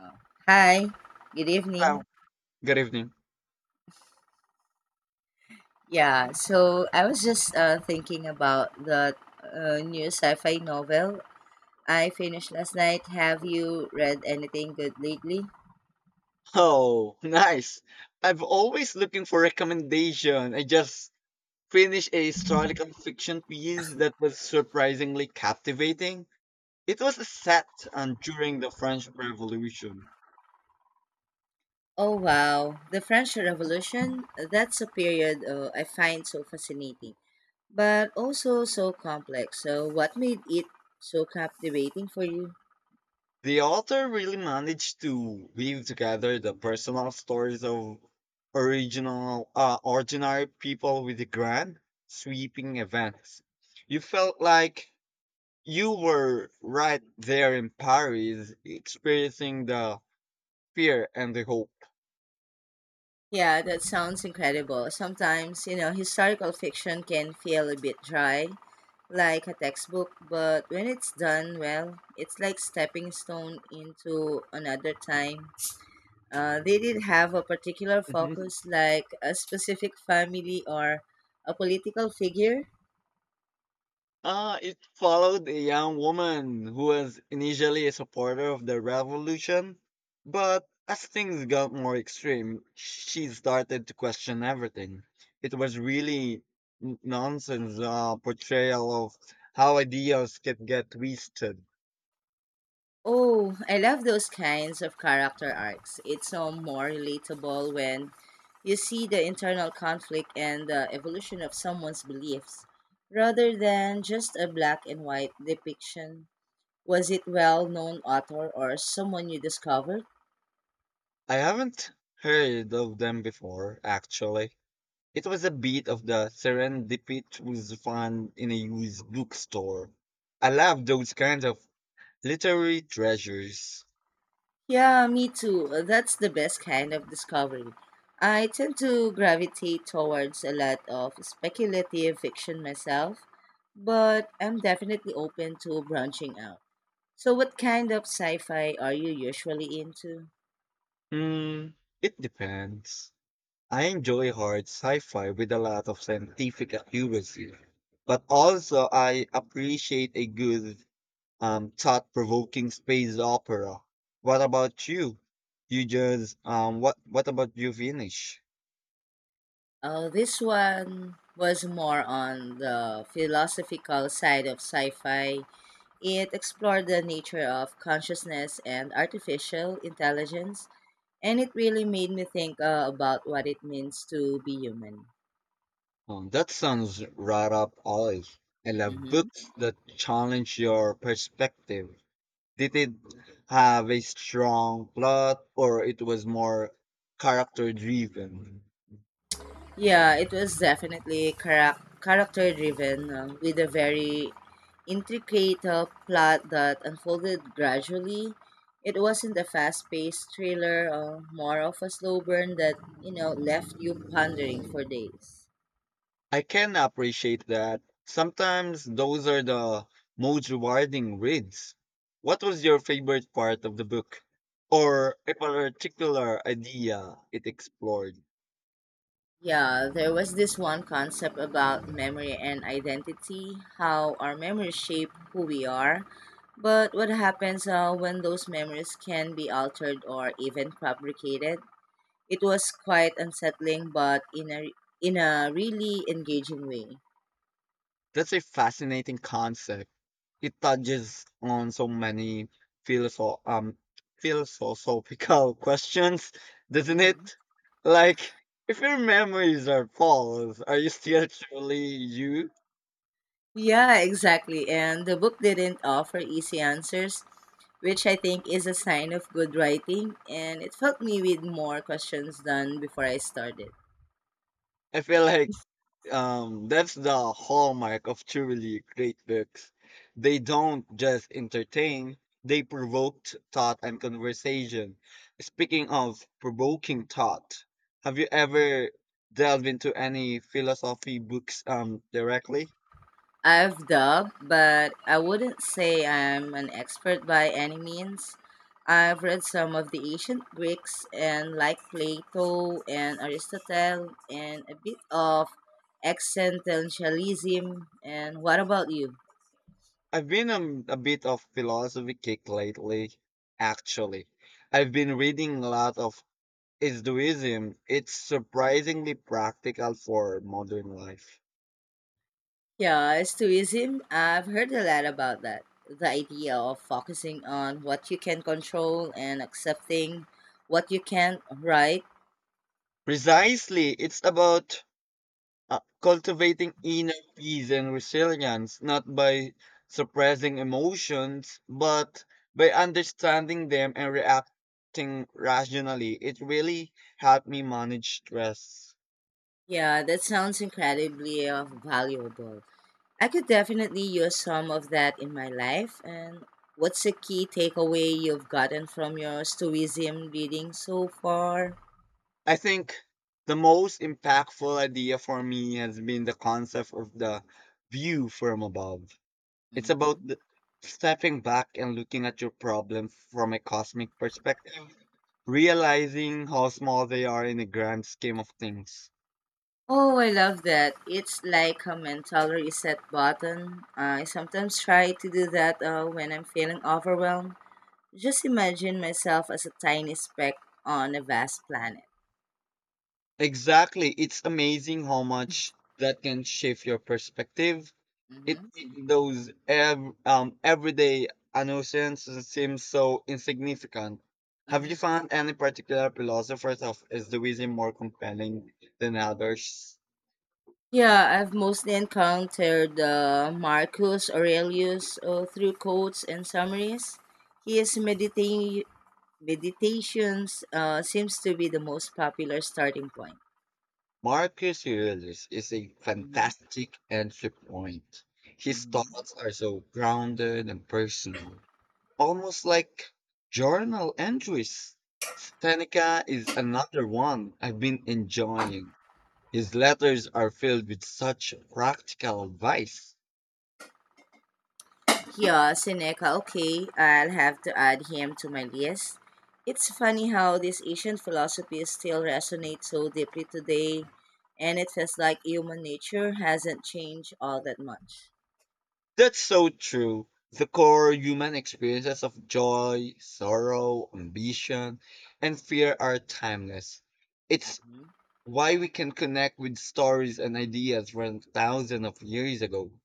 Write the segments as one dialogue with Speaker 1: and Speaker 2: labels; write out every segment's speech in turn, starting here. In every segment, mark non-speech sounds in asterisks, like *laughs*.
Speaker 1: Uh, Hi, good evening.
Speaker 2: Hello. Good evening.
Speaker 1: Yeah, so I was just thinking about the new sci fi novel I finished last night. Have you read anything good lately?
Speaker 2: Oh, *laughs* nice. I've always looking for recommendation. I just finished a historical fiction piece that was surprisingly captivating. It was set during the French Revolution.
Speaker 1: Oh, wow. The French Revolution, that's a period I find so fascinating, but also so complex. So, what made it so captivating for you?
Speaker 2: The author really managed to weave together the personal stories of ordinary people with the grand, sweeping events. You felt like you were right there in Paris, experiencing the fear and the hope.
Speaker 1: Yeah, that sounds incredible. Sometimes, historical fiction can feel a bit dry, like a textbook, but when it's done well, it's like stepping stone into another time. They did have a particular
Speaker 2: Mhm.
Speaker 1: focus, like a specific family or a political figure.
Speaker 2: It followed a young woman who was initially a supporter of the revolution, but as things got more extreme, she started to question everything. It was really nonsense portrayal of how ideas can get twisted.
Speaker 1: Oh, I love those kinds of character arcs. It's so more relatable when you see the internal conflict and the evolution of someone's beliefs rather than just a black and white depiction. Was it well known author or someone you discovered?
Speaker 2: I haven't heard of them before, actually. It was a bit of the serendipitous find in a used bookstore. I love those kinds of literary treasures.
Speaker 1: Yeah, me too. That's the best kind of discovery. I tend to gravitate towards a lot of speculative fiction myself, but I'm definitely open to branching out. So, what kind of sci fi are you usually into?
Speaker 2: Hmm, it depends. I enjoy hard sci-fi with a lot of scientific accuracy, but also I appreciate a good thought-provoking space opera. What about you? You just what about you finish?
Speaker 1: This one was more on the philosophical side of sci fi. It explored the nature of consciousness and artificial intelligence, and it really made me think about what it means to be human.
Speaker 2: That sounds right up alley. I love
Speaker 1: Hmm.
Speaker 2: books that challenge your perspective. Did it have a strong plot or it was more character driven?
Speaker 1: Yeah, it was definitely character driven with a very intricate plot that unfolded gradually. It wasn't a fast paced thriller, more of a slow burn that, you know, left you pondering for days.
Speaker 2: I can appreciate that. Sometimes those are the most rewarding reads. What was your favorite part of the book or a particular idea it explored?
Speaker 1: Yeah, there was this one concept about memory and identity, how our memories shape who we are. But what happens when those memories can be altered or even fabricated? It was quite unsettling, but in a really engaging way.
Speaker 2: That's a fascinating concept. It touches on so many philosoph- um, philosophical *laughs* questions, doesn't
Speaker 1: Mhm.
Speaker 2: it? Like, if your memories are false, are you still truly you?
Speaker 1: Yeah, exactly. And the book didn't offer easy answers, which I think is a sign of good writing. And it helped me with more questions than before I started.
Speaker 2: I feel like that's the hallmark of truly great books. They don't just entertain, they provoke thought and conversation. Speaking of provoking thought, have you ever delved into any philosophy books directly?
Speaker 1: I've dug, but I wouldn't say I'm an expert by any means. I've read some of the ancient Greeks and like Plato and Aristotle and a bit of existentialism. And what about you?
Speaker 2: I've been a bit of philosophy kick lately, actually. I've been reading a lot of Hinduism. It's surprisingly practical for modern life.
Speaker 1: Yeah, stoicism, I've heard a lot about that. The idea of focusing on what you can control and accepting what you can't, right?
Speaker 2: Precisely, it's about cultivating inner peace and resilience, not by suppressing emotions, but by understanding them and reacting rationally. It really helped me manage stress.
Speaker 1: Yeah, that sounds incredibly valuable. I could definitely use some of that in my life. And what's a key takeaway you've gotten from your Stoicism reading so far?
Speaker 2: I think the most impactful idea for me has been the concept of the view from above. It's
Speaker 1: Hmm.
Speaker 2: about stepping back and looking at your problem from a cosmic perspective realizing how small they are in the grand scheme of things.
Speaker 1: Oh, I love that. It's like a mental reset button. I sometimes try to do that when I'm feeling overwhelmed. Just imagine myself as a tiny speck on a vast planet.
Speaker 2: Exactly. It's amazing how much that can shift your perspective.
Speaker 1: Hmm.
Speaker 2: Everyday annoyances seem so insignificant. Have you
Speaker 1: Hmm.
Speaker 2: found any particular philosophers of Stoicism more compelling than others?
Speaker 1: Yeah, I've mostly encountered Marcus Aurelius through quotes and summaries. His meditations seems to be the most popular starting point.
Speaker 2: Marcus Aurelius is a
Speaker 1: Hmm.
Speaker 2: fantastic entry point. His
Speaker 1: Hmm.
Speaker 2: thoughts are so grounded and personal. Almost like journal entries. Seneca is another one I've been enjoying. His letters are filled with such practical advice.
Speaker 1: Yeah, Seneca, okay, I'll have to add him to my list. It's funny how this ancient philosophy still resonates so deeply today, and it feels like human nature hasn't changed all that much.
Speaker 2: That's so true. The core human experiences of joy, sorrow, ambition, and fear are timeless. It's why we can connect with stories and ideas from thousands of years ago.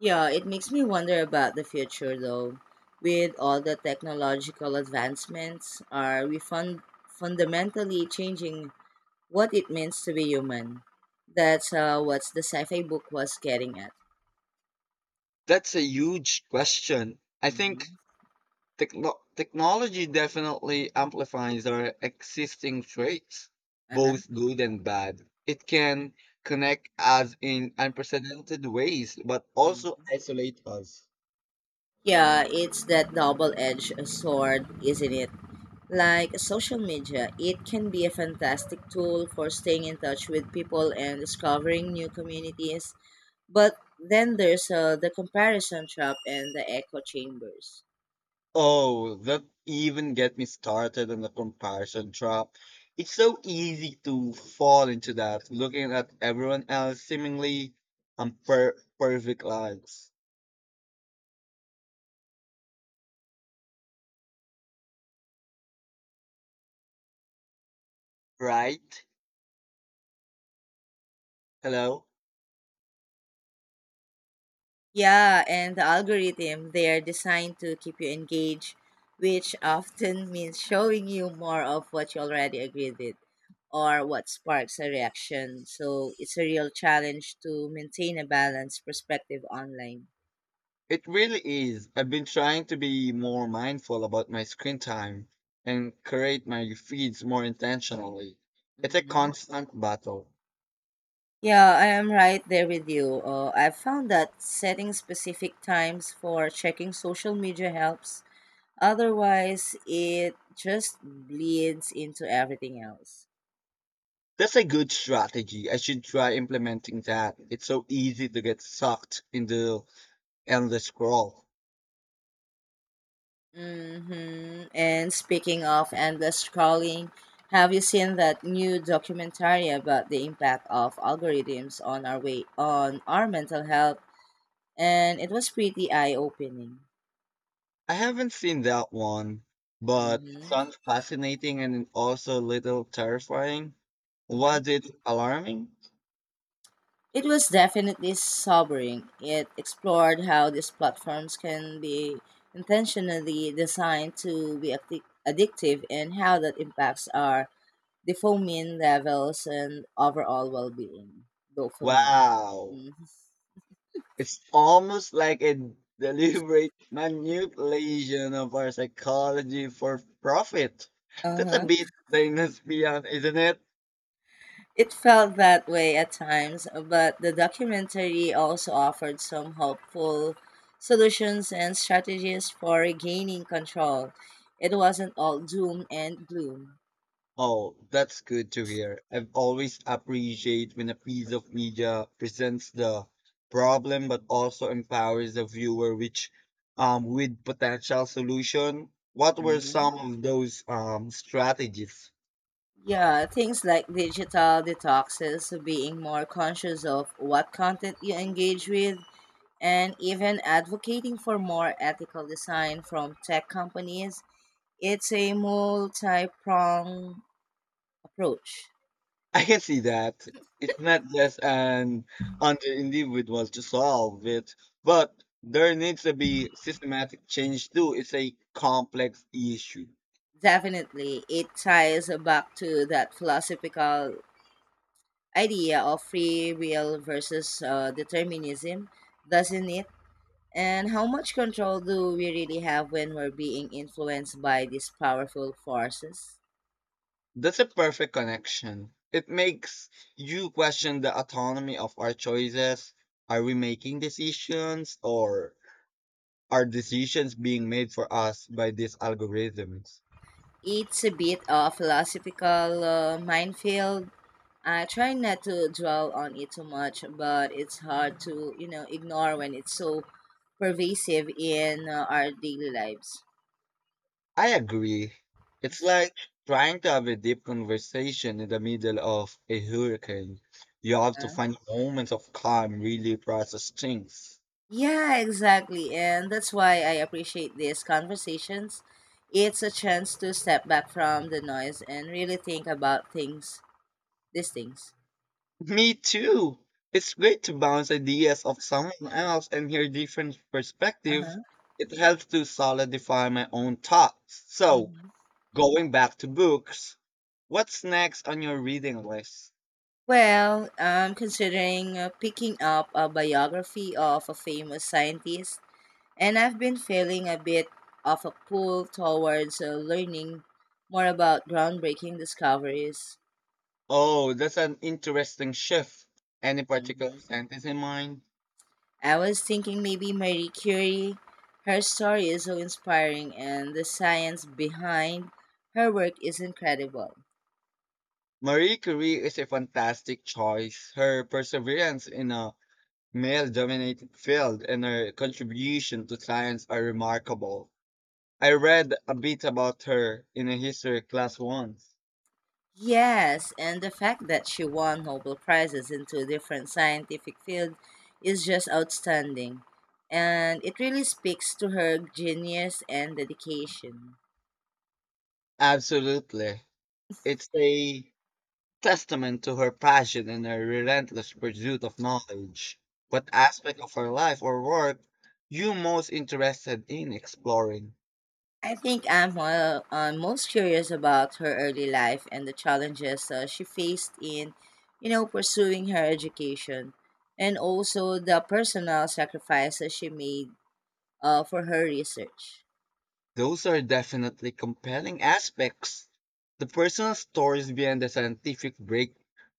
Speaker 1: Yeah, it makes me wonder about the future though. With all the technological advancements, are we fundamentally changing what it means to be human? That's what the sci fi book was getting at.
Speaker 2: That's a huge question.
Speaker 1: Hmm.
Speaker 2: Technology definitely amplifies our existing traits,
Speaker 1: Uh-huh.
Speaker 2: both good and bad. It can connect us in unprecedented ways, but also
Speaker 1: Mhm.
Speaker 2: isolate us.
Speaker 1: Yeah, it's that double edged sword, isn't it? Like social media, it can be a fantastic tool for staying in touch with people and discovering new communities. But then there's the comparison trap and the echo chambers.
Speaker 2: Oh, that even get me started on the comparison trap. It's so easy to fall into that, looking at everyone else seemingly perfect lives, right? Hello?
Speaker 1: Yeah, and the algorithm, they are designed to keep you engaged, which often means showing you more of what you already agreed with or what sparks a reaction. So it's a real challenge to maintain a balanced perspective online.
Speaker 2: It really is. I've been trying to be more mindful about my screen time and create my feeds more intentionally. It's a
Speaker 1: Hmm.
Speaker 2: constant battle.
Speaker 1: Yeah, I am right there with you. I've found that setting specific times for checking social media helps. Otherwise, it just bleeds into everything else.
Speaker 2: That's a good strategy. I should try implementing that. It's so easy to get sucked in the endless scroll.
Speaker 1: Mm-hmm. And speaking of endless scrolling, have you seen that new documentary about the impact of algorithms on our way on our mental health? And it was pretty eye-opening.
Speaker 2: I haven't seen that one, but it
Speaker 1: Mm-hmm.
Speaker 2: sounds fascinating and also a little terrifying.
Speaker 1: Mm-hmm.
Speaker 2: Was it alarming?
Speaker 1: It was definitely sobering. It explored how these platforms can be intentionally designed to be addictive and how that impacts our dopamine levels and overall well-being. Dopamine.
Speaker 2: Wow.
Speaker 1: Mhm.
Speaker 2: It's almost like a deliberate manipulation of our psychology for profit. That's a
Speaker 1: Uh-huh.
Speaker 2: bit dystopian, isn't it?
Speaker 1: It felt that way at times, but the documentary also offered some helpful solutions and strategies for regaining control. It wasn't all doom and gloom.
Speaker 2: Oh, that's good to hear. I've always appreciate when a piece of media presents the problem but also empowers the viewer which with potential solution. What were
Speaker 1: Hmm.
Speaker 2: some of those strategies?
Speaker 1: Yeah, things like digital detoxes, being more conscious of what content you engage with, and even advocating for more ethical design from tech companies. It's a multi pronged approach.
Speaker 2: I can see that. It's not just an under individual to solve it, but there needs to be systematic change too. It's a complex issue.
Speaker 1: Definitely, it ties back to that philosophical idea of free will versus determinism, doesn't it? And how much control do we really have when we're being influenced by these powerful forces?
Speaker 2: That's a perfect connection. It makes you question the autonomy of our choices. Are we making decisions or are decisions being made for us by these algorithms?
Speaker 1: It's a bit of philosophical minefield. I try not to dwell on it too much, but it's hard to, you know, ignore when it's so pervasive in our daily lives.
Speaker 2: I agree. It's like trying to have a deep conversation in the middle of a hurricane. You have to
Speaker 1: Uh,
Speaker 2: find moments of calm, really process things.
Speaker 1: yeah, exactly. And that's why I appreciate these conversations. It's a chance to step back from the noise and really think about things, these things.
Speaker 2: Me too. It's great to bounce ideas off someone else and hear different perspectives.
Speaker 1: Uh-huh.
Speaker 2: It helps to solidify my own thoughts. So,
Speaker 1: Hmm.
Speaker 2: going back to books, what's next on your reading list?
Speaker 1: Well, I'm considering picking up a biography of a famous scientist. And I've been feeling a bit of a pull towards learning more about groundbreaking discoveries.
Speaker 2: Oh, that's an interesting shift. Any particular
Speaker 1: Hmm.
Speaker 2: sentence in mind?
Speaker 1: I was thinking maybe Marie Curie. Her story is so inspiring, and the science behind her work is incredible.
Speaker 2: Marie Curie is a fantastic choice. Her perseverance in a male dominated field and her contribution to science are remarkable. I read a bit about her in a history class once.
Speaker 1: Yes, and the fact that she won Nobel Prizes in two different scientific fields is just outstanding. And it really speaks to her genius and dedication.
Speaker 2: Absolutely. It's a testament to her passion and her relentless pursuit of knowledge. What aspect of her life or work you most interested in exploring?
Speaker 1: I think I'm most curious about her early life and the challenges she faced in, you know, pursuing her education, and also the personal sacrifices she made for her research.
Speaker 2: Those are definitely compelling aspects. The personal stories behind the scientific break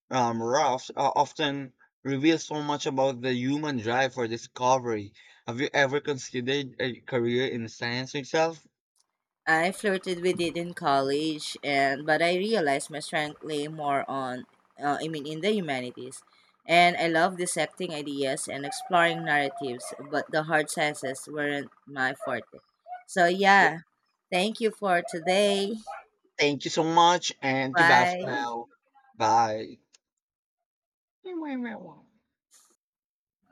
Speaker 2: roughs often reveal so much about the human drive for discovery. Have you ever considered a career in science yourself?
Speaker 1: I flirted with it in college, and but I realized my strength lay more on, in the humanities, and I love dissecting ideas and exploring narratives, but the hard sciences weren't my forte. So
Speaker 2: Yeah,
Speaker 1: yeah, thank you for today.
Speaker 2: thank you so much, and goodbye for
Speaker 1: Bye.
Speaker 2: now. Bye. Wow.